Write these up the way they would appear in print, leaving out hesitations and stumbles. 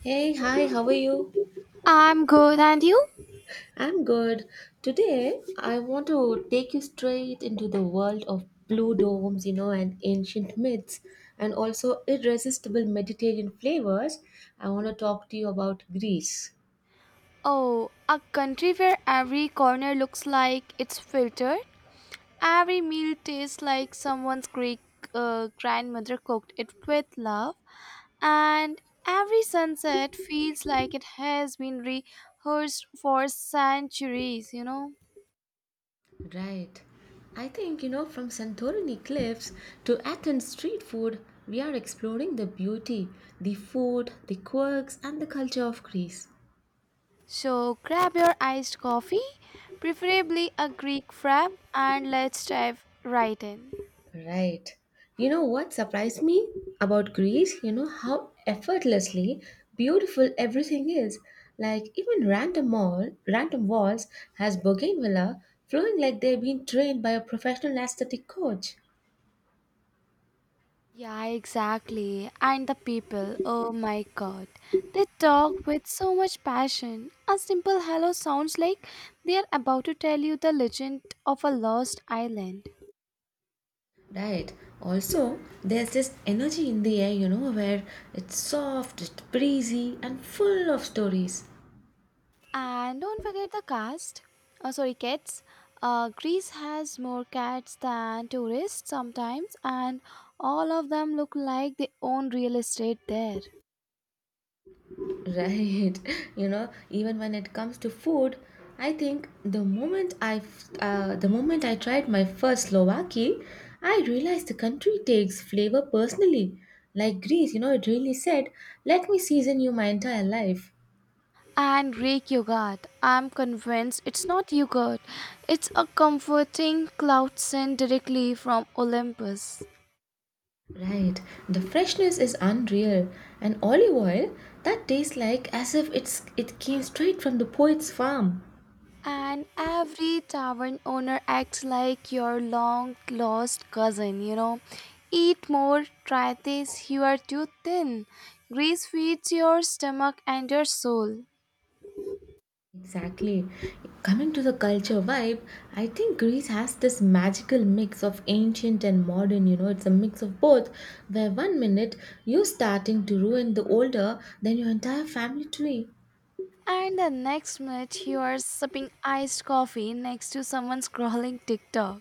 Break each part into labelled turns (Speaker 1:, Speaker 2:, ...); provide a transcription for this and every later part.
Speaker 1: Hey, hi, how are you?
Speaker 2: I'm good, and you?
Speaker 1: I'm good. Today, I want to take you straight into the world of blue domes, you know, and ancient myths, and also irresistible Mediterranean flavors. I want to talk to you about Greece.
Speaker 2: Oh, a country where every corner looks like it's filtered, every meal tastes like someone's Greek grandmother cooked it with love, and every sunset feels like it has been rehearsed for centuries, you know?
Speaker 1: Right. I think, you know, from Santorini cliffs to Athens street food, we are exploring the beauty, the food, the quirks, and the culture of Greece.
Speaker 2: So grab your iced coffee, preferably a Greek frap, and let's dive right in.
Speaker 1: Right. You know what surprised me about Greece? You know how effortlessly beautiful everything is. Like even random mall, random walls has bougainvillea flowing like they've been trained by a professional aesthetic coach.
Speaker 2: Yeah, exactly. And the people, oh my god, they talk with so much passion. A simple hello sounds like they are about to tell you the legend of a lost island.
Speaker 1: Right. Also, there's this energy in the air, you know, where it's soft, it's breezy, and full of stories.
Speaker 2: And don't forget the cast. Oh, sorry, cats. Greece has more cats than tourists sometimes, and all of them look like they own real estate there.
Speaker 1: Right. You know, even when it comes to food, I think the moment I tried my first Slovaki, I realized the country takes flavor personally. Like Greece, you know, it really said, "Let me season you my entire life."
Speaker 2: And Greek yogurt. I'm convinced it's not yogurt, it's a comforting cloud sent directly from Olympus.
Speaker 1: Right. The freshness is unreal, and olive oil that tastes like as if it came straight from the poet's farm.
Speaker 2: And every tavern owner acts like your long lost cousin. Eat more, try this, you are too thin. Grease feeds your stomach and your soul.
Speaker 1: Exactly. Coming to the culture vibe, I think Greece has this magical mix of ancient and modern, you know, it's a mix of both, where one minute you're starting to ruin the older than your entire family tree.
Speaker 2: And the next minute, you are sipping iced coffee next to someone scrolling TikTok.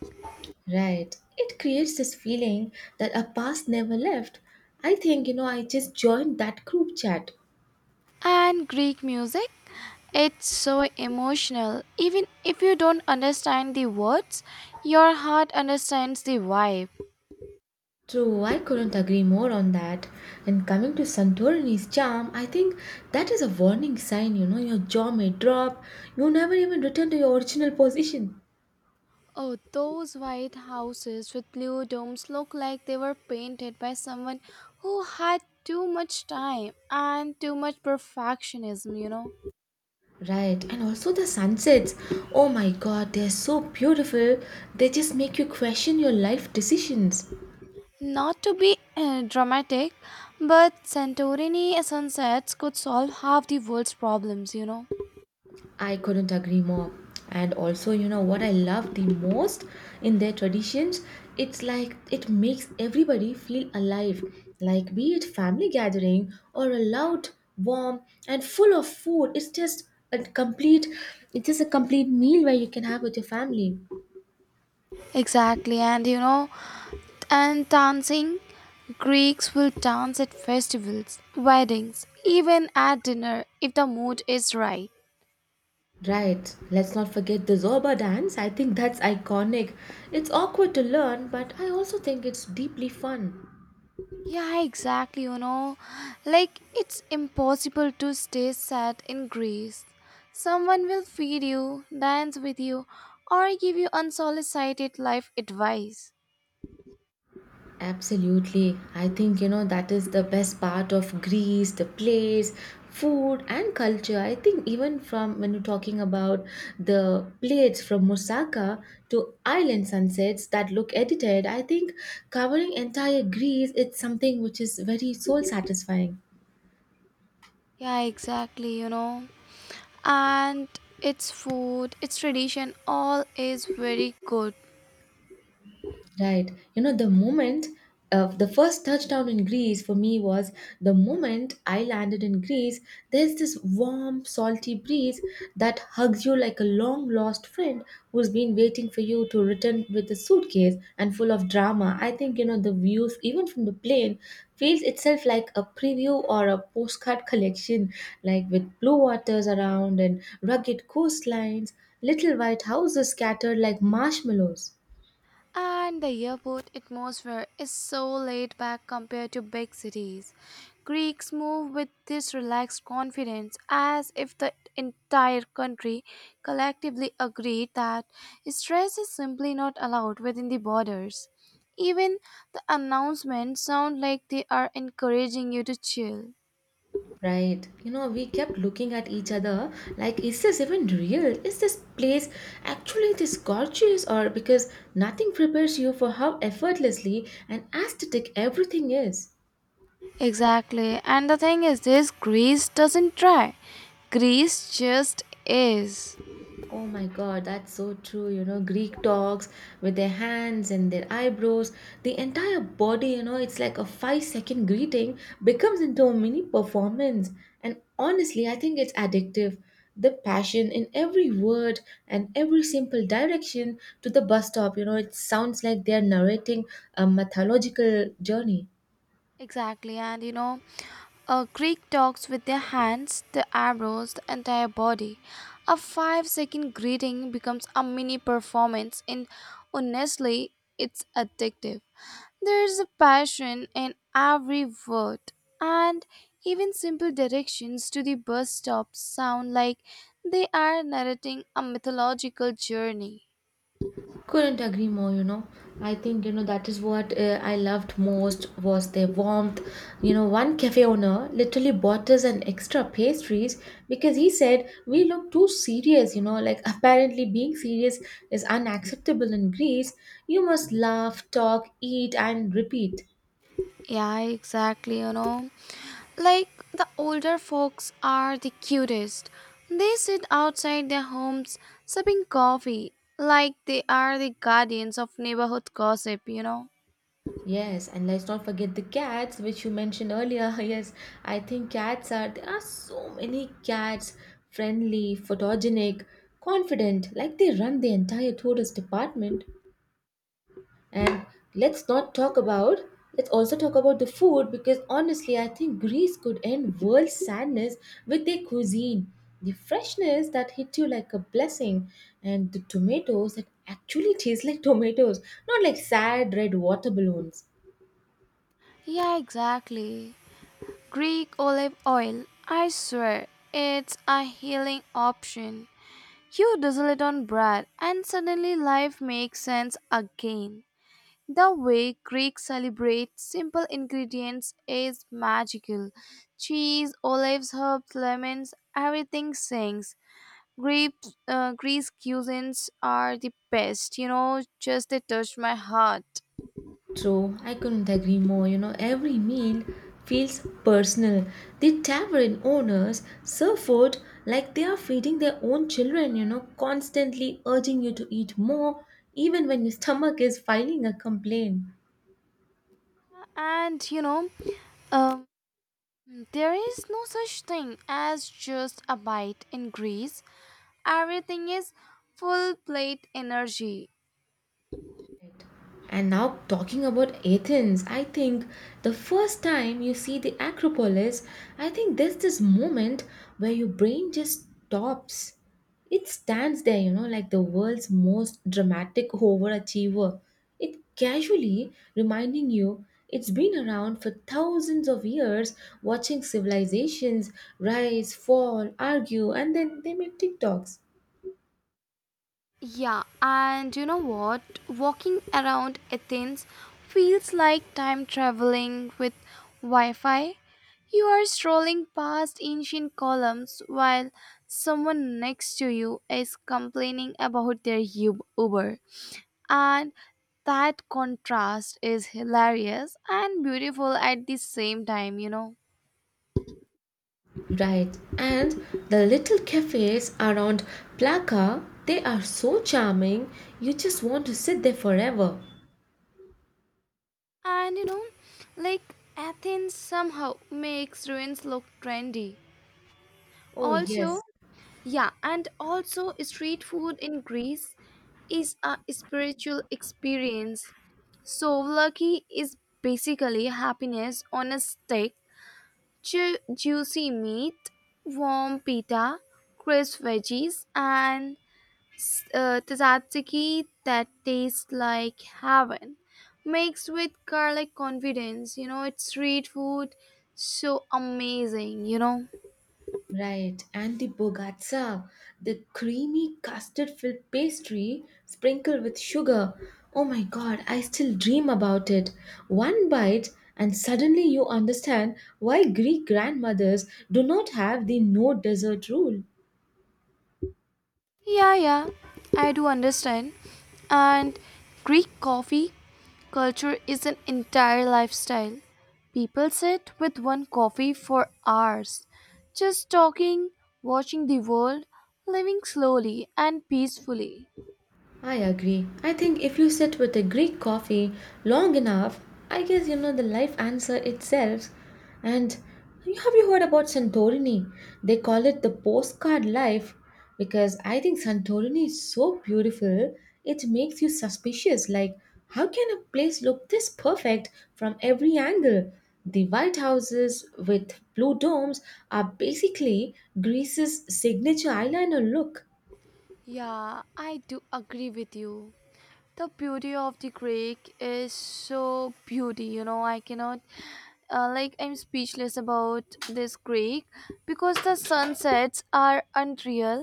Speaker 1: Right. It creates this feeling that our past never left. I think, you know, I just joined that group chat.
Speaker 2: And Greek music, it's so emotional. Even if you don't understand the words, your heart understands the vibe.
Speaker 1: True, I couldn't agree more on that. And coming to Santorini's charm, I think that is a warning sign, you know, your jaw may drop, you never even return to your original position.
Speaker 2: Oh, those white houses with blue domes look like they were painted by someone who had too much time and too much perfectionism, you know.
Speaker 1: Right, and also the sunsets. Oh my god, they're so beautiful. They just make you question your life decisions.
Speaker 2: Not to be dramatic, but Santorini sunsets could solve half the world's problems, you know.
Speaker 1: I couldn't agree more. And also, you know, what I love the most in their traditions, it's like it makes everybody feel alive. Like, be it family gathering or a loud, warm, and full of food, it's just a complete meal where you can have with your family.
Speaker 2: Exactly, and And dancing, Greeks will dance at festivals, weddings, even at dinner if the mood is right.
Speaker 1: Right, let's not forget the Zorba dance. I think that's iconic. It's awkward to learn, but I also think it's deeply fun.
Speaker 2: Yeah, exactly, you know. Like, it's impossible to stay sad in Greece. Someone will feed you, dance with you, or give you unsolicited life advice.
Speaker 1: Absolutely. I think, you know, that is the best part of Greece, the place, food, and culture. I think, even from when you're talking about the plates from Moussaka to island sunsets that look edited, I think covering entire Greece, it's something which is very soul satisfying.
Speaker 2: Yeah, exactly, you know. And its food, its tradition, all is very good.
Speaker 1: Right. You know, the moment of the first touchdown in Greece for me was the moment I landed in Greece. There's this warm, salty breeze that hugs you like a long lost friend who's been waiting for you to return with a suitcase and full of drama. I think, you know, the views, even from the plane, feels itself like a preview or a postcard collection, like with blue waters around and rugged coastlines, little white houses scattered like marshmallows.
Speaker 2: And the airport atmosphere is so laid back compared to big cities. Greeks move with this relaxed confidence as if the entire country collectively agreed that stress is simply not allowed within the borders. Even the announcements sound like they are encouraging you to chill.
Speaker 1: Right. You know, we kept looking at each other like, is this even real? Is this place actually this gorgeous? Or because nothing prepares you for how effortlessly and aesthetic everything is.
Speaker 2: Exactly, and the thing is, this Greece doesn't try, Greece just is.
Speaker 1: Oh my god, that's so true. You know, Greek dogs with their hands and their eyebrows, the entire body, you know, it's like a 5-second greeting becomes into a mini performance. And honestly, I think it's addictive. The passion in every word and every simple direction to the bus stop, you know, it sounds like they're narrating a mythological journey.
Speaker 2: Exactly, and you know, a Greek talks with their hands, the eyebrows, the entire body. A 5-second greeting becomes a mini performance, and honestly, it's addictive. There's a passion in every word, and even simple directions to the bus stop sound like they are narrating a mythological journey.
Speaker 1: Couldn't agree more, you know. I think, you know, that is what I loved most was their warmth. You know, one cafe owner literally bought us an extra pastries because he said we look too serious, you know, like apparently being serious is unacceptable in Greece. You must laugh, talk, eat, and repeat.
Speaker 2: Yeah, exactly, you know. Like the older folks are the cutest. They sit outside their homes sipping coffee like they are the guardians of neighborhood gossip, you know.
Speaker 1: Yes, and let's not forget the cats, which you mentioned earlier. Yes, I think cats are, there are so many cats, friendly, photogenic, confident, like they run the entire tourist department. And let's not talk about, let's also talk about the food because honestly, I think Greece could end world sadness with their cuisine. The freshness that hit you like a blessing, and the tomatoes that actually taste like tomatoes, not like sad red water balloons.
Speaker 2: Yeah, exactly. Greek olive oil. I swear, it's a healing option. You drizzle it on bread and suddenly life makes sense again. The way Greeks celebrate simple ingredients is magical. Cheese, olives, herbs, lemons, everything sings. Greece cuisines are the best, you know, just they touch my heart.
Speaker 1: True, I couldn't agree more. You know, every meal feels personal. The tavern owners serve food like they are feeding their own children, you know, constantly urging you to eat more, even when your stomach is filing a complaint.
Speaker 2: And you know, um, there is no such thing as just a bite in Greece. Everything is full plate energy.
Speaker 1: Right. And now, talking about Athens, I think the first time you see the Acropolis, I think there's this moment where your brain just stops. It stands there, you know, like the world's most dramatic overachiever. It casually reminding you it's been around for thousands of years, watching civilizations rise, fall, argue, and then they make TikToks.
Speaker 2: Yeah, and you know what? Walking around Athens feels like time traveling with Wi Fi. You are strolling past ancient columns while someone next to you is complaining about their Uber. And that contrast is hilarious and beautiful at the same time, you know.
Speaker 1: Right, and the little cafes around Plaka, they are so charming, you just want to sit there forever.
Speaker 2: And you know, like Athens somehow makes ruins look trendy.
Speaker 1: Oh, yes,
Speaker 2: Also, yeah, and also street food in Greece is a spiritual experience. Souvlaki is basically happiness on a stick, juicy meat, warm pita, crisp veggies, and tzatziki that tastes like heaven, mixed with garlic confidence. You know, it's street food, so amazing. You know.
Speaker 1: right, and the bogatsa, the creamy custard filled pastry sprinkled with sugar. Oh my god, I still dream about it. One bite, and suddenly you understand why Greek grandmothers do not have the no dessert rule.
Speaker 2: Yeah, yeah, I do understand. And Greek coffee culture is an entire lifestyle. People sit with one coffee for hours, just talking, watching the world, living slowly and peacefully.
Speaker 1: I agree. I think if you sit with a Greek coffee long enough, I guess you know the life answer itself. And you- have you heard about Santorini? They call it the postcard life because I think Santorini is so beautiful. It makes you suspicious. Like, how can a place look this perfect from every angle? The White Houses with blue domes are basically Greece's signature eyeliner look.
Speaker 2: Yeah, I do agree with you. The beauty of the Greek is so beauty, you know, I cannot like I'm speechless about this Greek because the sunsets are unreal.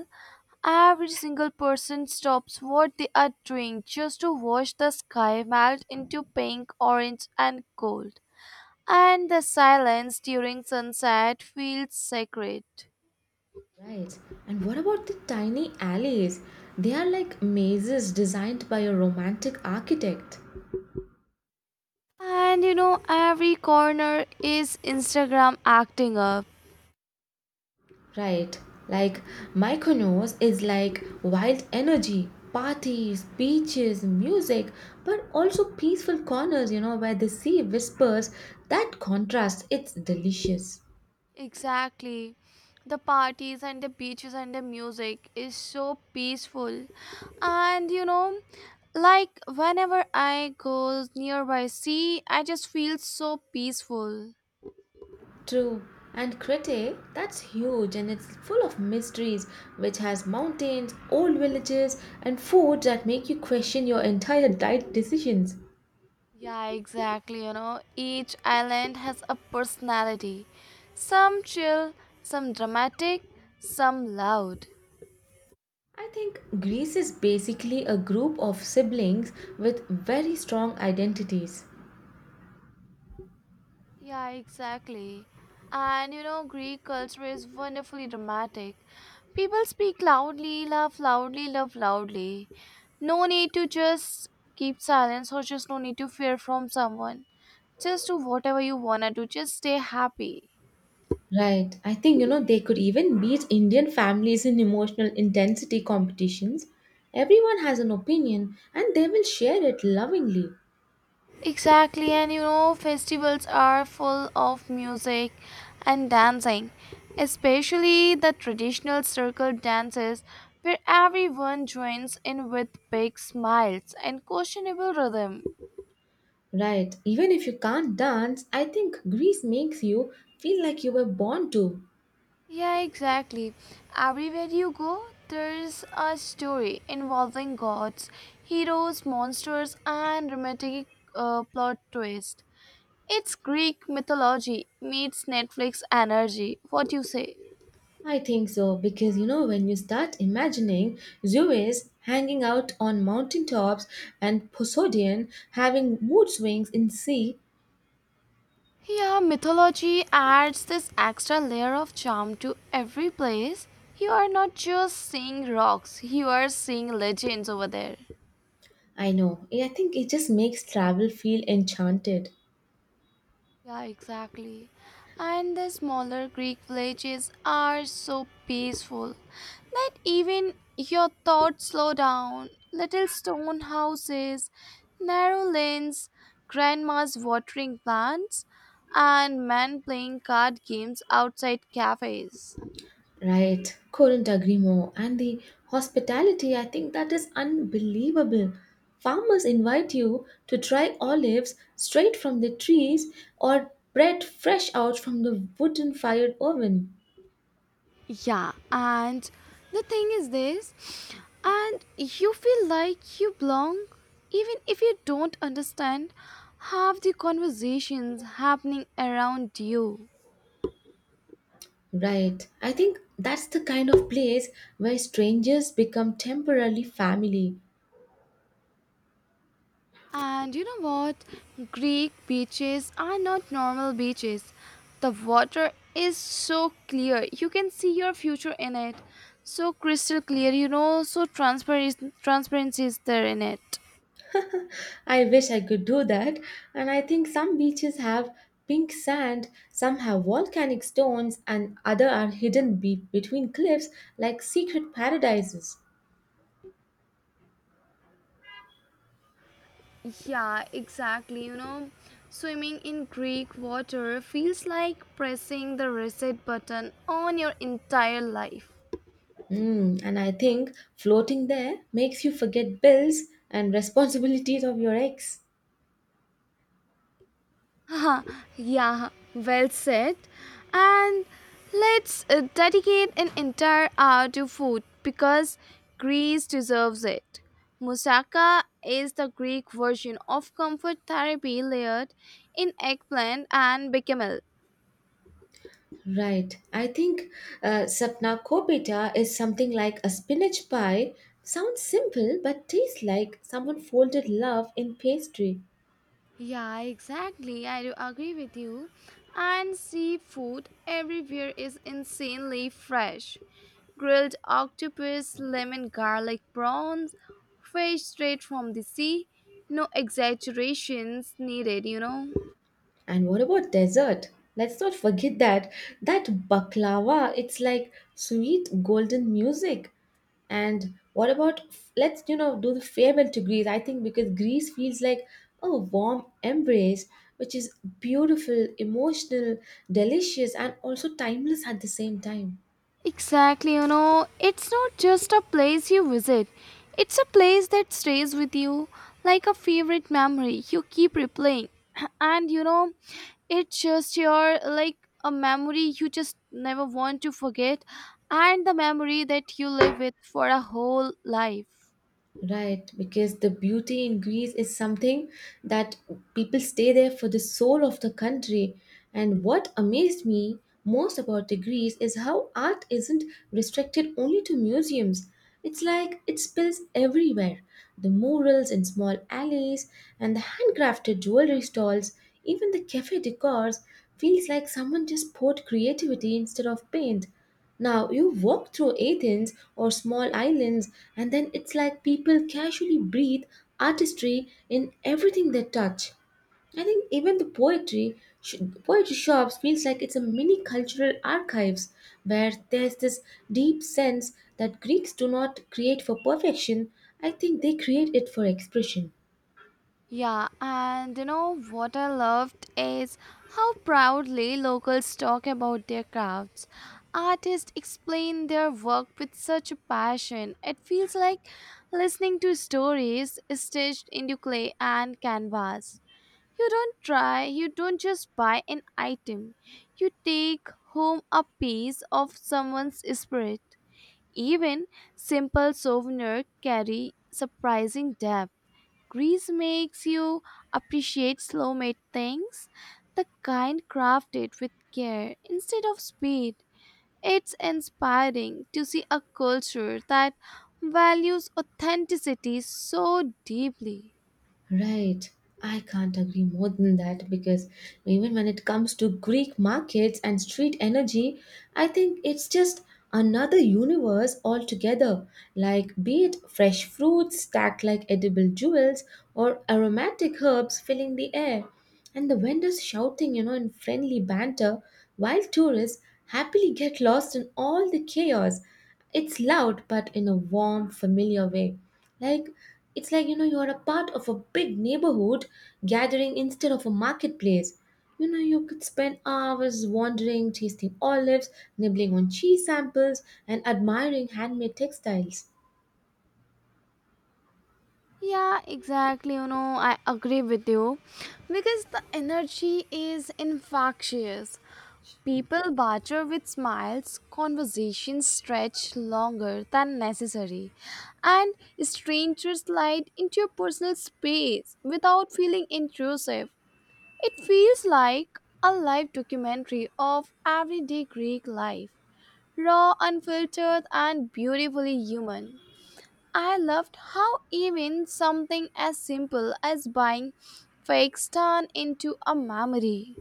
Speaker 2: Every single person stops what they are doing just to watch the sky melt into pink, orange, and gold. And the silence during sunset feels sacred.
Speaker 1: Right. And what about the tiny alleys? They are like mazes designed by a romantic architect.
Speaker 2: And you know, every corner is Instagram acting up.
Speaker 1: Right. Like Mykonos is like wild energy, parties, beaches, music, but also peaceful corners, you know, where the sea whispers. That contrast, it's delicious.
Speaker 2: Exactly. The parties and the beaches and the music is so peaceful. And you know, like whenever I go nearby sea, I just feel so peaceful.
Speaker 1: True. And Crete, that's huge and it's full of mysteries, which has mountains, old villages, and foods that make you question your entire diet decisions.
Speaker 2: Yeah, exactly. You know, each island has a personality. Some chill, some dramatic, some loud.
Speaker 1: I think Greece is basically a group of siblings with very strong identities.
Speaker 2: Yeah, exactly. And you know, Greek culture is wonderfully dramatic. People speak loudly, laugh loudly, love loudly. No need to just keep silence or just no need to fear from someone. Just do whatever you wanna do, just stay happy.
Speaker 1: Right. I think, you know, they could even beat Indian families in emotional intensity competitions. Everyone has an opinion and they will share it lovingly.
Speaker 2: Exactly, and you know, festivals are full of music and dancing, especially the traditional circle dances where everyone joins in with big smiles and questionable rhythm.
Speaker 1: Right. Even if you can't dance, I think Greece makes you feel like you were born to.
Speaker 2: Yeah, exactly. Everywhere you go, there's a story involving gods, heroes, monsters, and romantic plot twist. It's Greek mythology meets Netflix energy. What do you say?
Speaker 1: I think so because you know when you start imagining Zeus hanging out on mountain tops and Poseidon having mood swings in sea,
Speaker 2: Yeah, mythology adds this extra layer of charm to every place. You are not just seeing rocks, you are seeing legends over there.
Speaker 1: I know. I think it just makes travel feel enchanted.
Speaker 2: Yeah, exactly. And the smaller Greek villages are so peaceful that even your thoughts slow down. Little stone houses, narrow lanes, grandma's watering plants, and men playing card games outside cafes.
Speaker 1: Right, couldn't agree more. And the hospitality, I think that is unbelievable. Farmers invite you to try olives straight from the trees or bread fresh out from the wooden fired oven.
Speaker 2: Yeah, and the thing is this, and you feel like you belong even if you don't understand half the conversations happening around you.
Speaker 1: Right, I think that's the kind of place where strangers become temporarily family.
Speaker 2: And you know what? Greek beaches are not normal beaches. The water is so clear. You can see your future in it. So crystal clear, you know, so transparent transparency is there in it.
Speaker 1: I wish I could do that. And I think some beaches have pink sand, some have volcanic stones, and other are hidden between cliffs like secret paradises.
Speaker 2: Yeah, exactly. You know, swimming in Greek water feels like pressing the reset button on your entire life.
Speaker 1: Mm, and I think floating there makes you forget bills and responsibilities of your ex.
Speaker 2: Haha, yeah, well said. And let's dedicate an entire hour to food because Greece deserves it. Moussaka is the Greek version of comfort therapy layered in eggplant and bechamel.
Speaker 1: Right. I think sapna kopita is something like a spinach pie. Sounds simple, but tastes like someone folded love in pastry.
Speaker 2: Yeah, exactly. I do agree with you. And seafood everywhere is insanely fresh. Grilled octopus, lemon garlic prawns, fresh straight from the sea. No exaggerations needed, you know.
Speaker 1: And what about dessert? Let's not forget that that baklava, it's like sweet golden music. And what about, let's, you know, do the farewell to Greece? I think because Greece feels like a warm embrace, which is beautiful, emotional, delicious, and also timeless at the same time.
Speaker 2: Exactly, you know, it's not just a place you visit, it's a place that stays with you like a favorite memory you keep replaying. And you know, it's just your like a memory you just never want to forget, and the memory that you live with for a whole life.
Speaker 1: Right, because the beauty in Greece is something that people stay there for the soul of the country. And what amazed me most about the Greece is how art isn't restricted only to museums. It's like it spills everywhere. The murals in small alleys and the handcrafted jewelry stalls, even the cafe decors feels like someone just poured creativity instead of paint. Now, you walk through Athens or small islands, and then it's like people casually breathe artistry in everything they touch. I think even the poetry shops feels like it's a mini cultural archives where there's this deep sense that Greeks do not create for perfection. I think they create it for expression.
Speaker 2: Yeah, and you know what I loved is how proudly locals talk about their crafts. Artists explain their work with such a passion. It feels like listening to stories stitched into clay and canvas. You don't try, you don't just buy an item. You take home a piece of someone's spirit. Even simple souvenirs carry surprising depth. Greece makes you appreciate slow made things, the kind crafted with care instead of speed. It's inspiring to see a culture that values authenticity so deeply.
Speaker 1: Right. I can't agree more than that because even when it comes to Greek markets and street energy, I think it's just another universe altogether. Like, be it fresh fruits stacked like edible jewels or aromatic herbs filling the air, and the vendors shouting, you know, in friendly banter, while tourists happily get lost in all the chaos. It's loud, but in a warm, familiar way. Like, it's like, you know, you're a part of a big neighborhood gathering instead of a marketplace. You know, you could spend hours wandering, tasting olives, nibbling on cheese samples, and admiring handmade textiles.
Speaker 2: Yeah, exactly. You know, I agree with you because the energy is infectious. People barter with smiles, conversations stretch longer than necessary, and strangers slide into your personal space without feeling intrusive. It feels like a live documentary of everyday Greek life, raw, unfiltered, and beautifully human. I loved how even something as simple as buying fakes turned into a memory.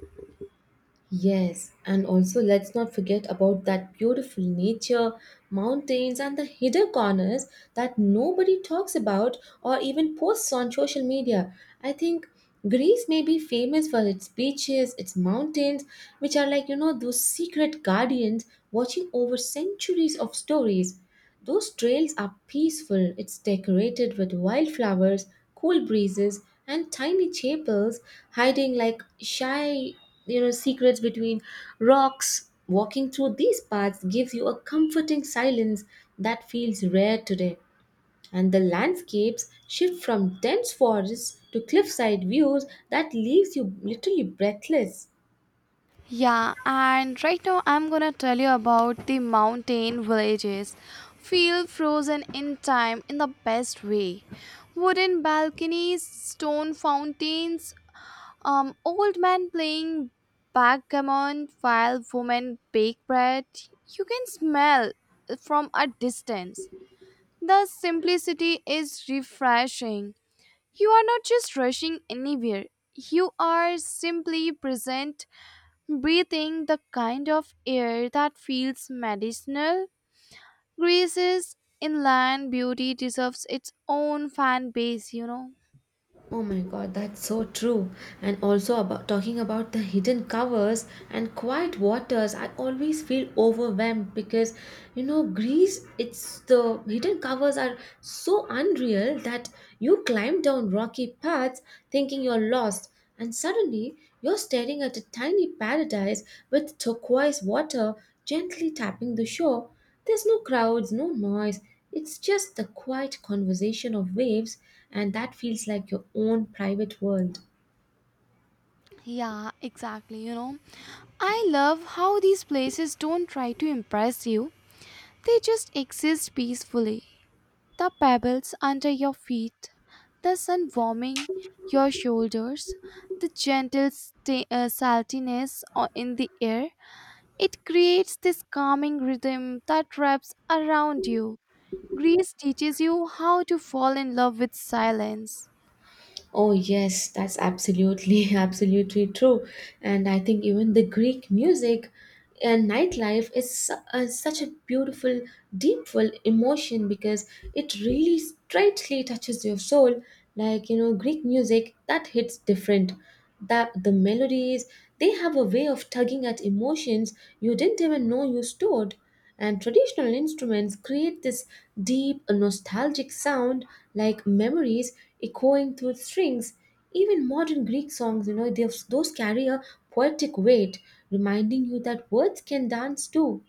Speaker 1: Yes, and also let's not forget about that beautiful nature, mountains, and the hidden corners that nobody talks about or even posts on social media. I think Greece may be famous for its beaches, its mountains, which are like, you know, those secret guardians watching over centuries of stories. Those trails are peaceful. It's decorated with wildflowers, cool breezes, and tiny chapels hiding like shy, you know, secrets between rocks. Walking through these paths gives you a comforting silence that feels rare today. And the landscapes shift from dense forests to cliffside views that leaves you literally breathless.
Speaker 2: Yeah, and right now I'm gonna tell you about the mountain villages. Feel frozen in time in the best way. Wooden balconies, stone fountains, old man playing backgammon while women bake bread. You can smell from a distance. The simplicity is refreshing. You are not just rushing anywhere, you are simply present breathing the kind of air that feels medicinal. Greece's inland beauty deserves its own fan base, you know.
Speaker 1: Oh my god, that's so true. And also about talking about the hidden covers and quiet waters, I always feel overwhelmed because you know Greece, it's the hidden covers are so unreal that you climb down rocky paths thinking you're lost, and suddenly you're staring at a tiny paradise with turquoise water gently tapping the shore. There's no crowds, no noise. It's just the quiet conversation of waves, and that feels like your own private world.
Speaker 2: Yeah, exactly, you know. I love how these places don't try to impress you, they just exist peacefully. The pebbles under your feet, the sun warming your shoulders, the gentle saltiness in the air. It creates this calming rhythm that wraps around you. Greece teaches you how to fall in love with silence.
Speaker 1: Oh, yes, that's absolutely, absolutely true. And I think even the Greek music and nightlife is such a beautiful, deep full emotion because it really straightly touches your soul. Like, you know, Greek music that hits different. That the melodies, they have a way of tugging at emotions you didn't even know you stored. And traditional instruments create this deep, nostalgic sound like memories echoing through strings. Even modern Greek songs, you know, those carry a poetic weight, reminding you that words can dance too.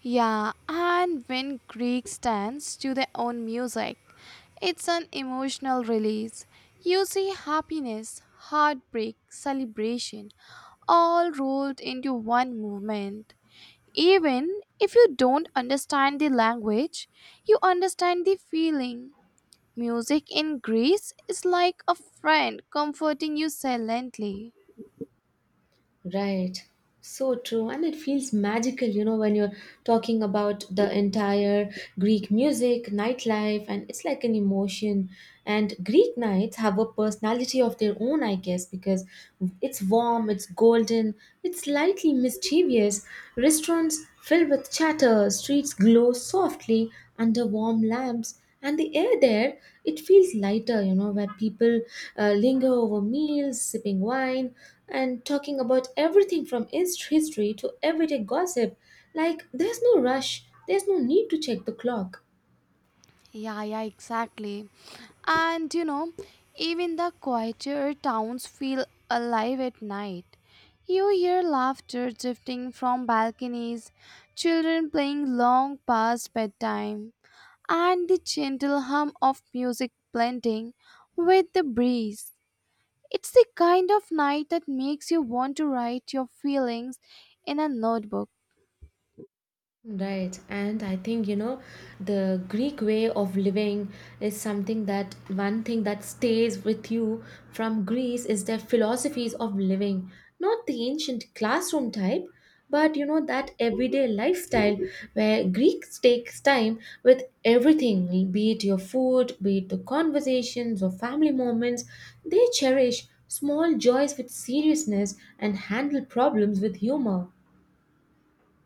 Speaker 2: Yeah, and when Greeks dance to their own music, it's an emotional release. You see happiness, heartbreak, celebration, all rolled into one movement. Even if you don't understand the language, you understand the feeling. Music in Greece is like a friend comforting you silently.
Speaker 1: Right. So true. And it feels magical, you know, when you're talking about the entire Greek music, nightlife, and it's like an emotion. And Greek nights have a personality of their own, I guess, because it's warm, it's golden, it's slightly mischievous. Restaurants fill with chatter, streets glow softly under warm lamps, and the air there, it feels lighter, you know, where people linger over meals sipping wine and talking about everything from history to everyday gossip. Like, there's no rush, there's no need to check the clock.
Speaker 2: Yeah, yeah, exactly. And you know, even the quieter towns feel alive at night. You hear laughter drifting from balconies, children playing long past bedtime, and the gentle hum of music blending with the breeze. It's the kind of night that makes you want to write your feelings in a notebook.
Speaker 1: Right, and I think, you know, the Greek way of living is something that one thing that stays with you from Greece is their philosophies of living, not the ancient classroom type, but you know that everyday lifestyle where Greeks takes time with everything, be it your food, be it the conversations or family moments, they cherish small joys with seriousness and handle problems with humor.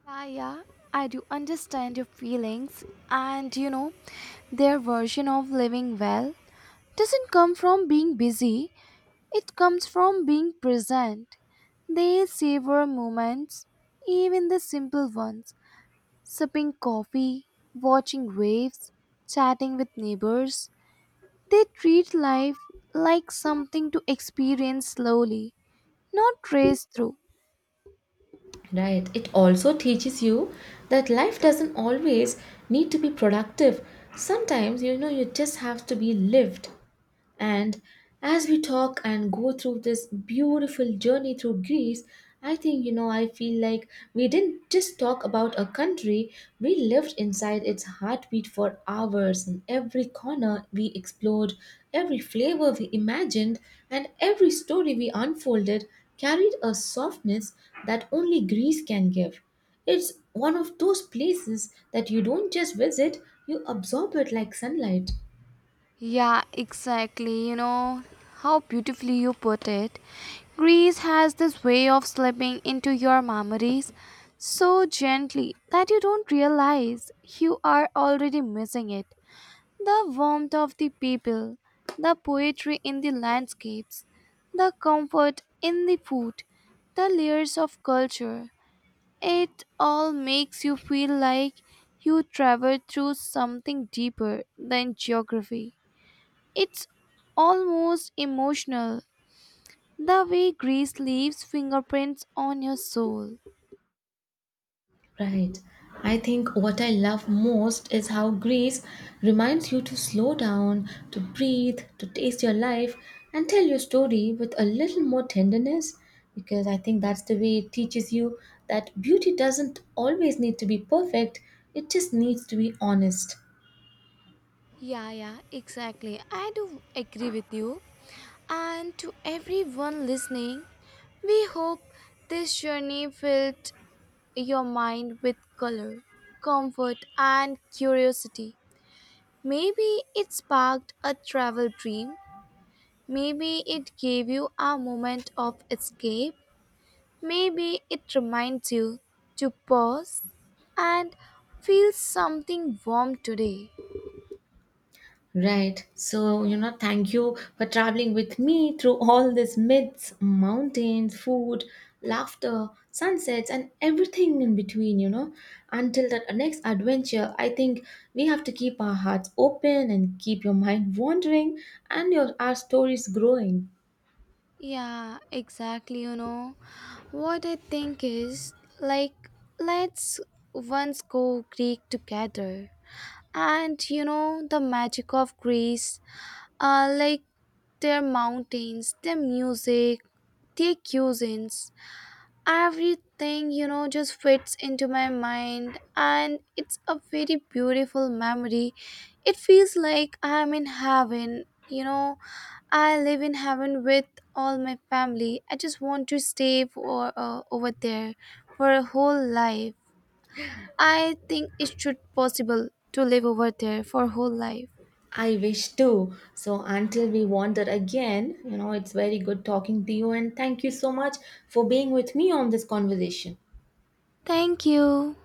Speaker 2: Yeah, yeah, I do understand your feelings, and you know, their version of living well doesn't come from being busy, it comes from being present. They savor moments, even the simple ones, sipping coffee, watching waves, chatting with neighbors. They treat life like something to experience slowly, not race through.
Speaker 1: Right. It also teaches you that life doesn't always need to be productive. Sometimes, you know, you just have to be lived. And as we talk and go through this beautiful journey through Greece, I think, you know, I feel like we didn't just talk about a country, we lived inside its heartbeat for hours, and every corner we explored, every flavor we imagined, and every story we unfolded carried a softness that only Greece can give. It's one of those places that you don't just visit, you absorb it like sunlight.
Speaker 2: Yeah, exactly. You know how beautifully you put it. Greece has this way of slipping into your memories so gently that you don't realize you are already missing it. The warmth of the people, the poetry in the landscapes, the comfort in the food, the layers of culture. It all makes you feel like you traveled through something deeper than geography. It's almost emotional, the way Greece leaves fingerprints on your soul.
Speaker 1: Right. I think what I love most is how Greece reminds you to slow down, to breathe, to taste your life, and tell your story with a little more tenderness. Because I think that's the way it teaches you that beauty doesn't always need to be perfect, it just needs to be honest.
Speaker 2: Yeah, yeah, exactly. I do agree with you. And to everyone listening, we hope this journey filled your mind with color, comfort, and curiosity. Maybe it sparked a travel dream. Maybe it gave you a moment of escape. Maybe it reminds you to pause and feel something warm today.
Speaker 1: Right. So, you know, thank you for traveling with me through all these myths, mountains, food, laughter, sunsets, and everything in between, you know. Until that next adventure, I think we have to keep our hearts open and keep your mind wandering and your our stories growing.
Speaker 2: Yeah, exactly. You know, what I think is like, let's once go Greek together. And you know, the magic of Greece, like their mountains, their music, their cuisines. Everything you know just fits into my mind and it's a very beautiful memory. It feels like I'm in heaven, you know. I live in heaven with all my family. I just want to stay for over there for a whole life. I think it should possible to live over there for whole life.
Speaker 1: I wish too. So until we wander again, you know, it's very good talking to you and thank you so much for being with me on this conversation.
Speaker 2: Thank you.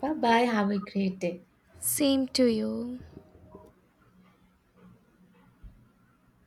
Speaker 1: Bye bye. Have a great day.
Speaker 2: Same to you.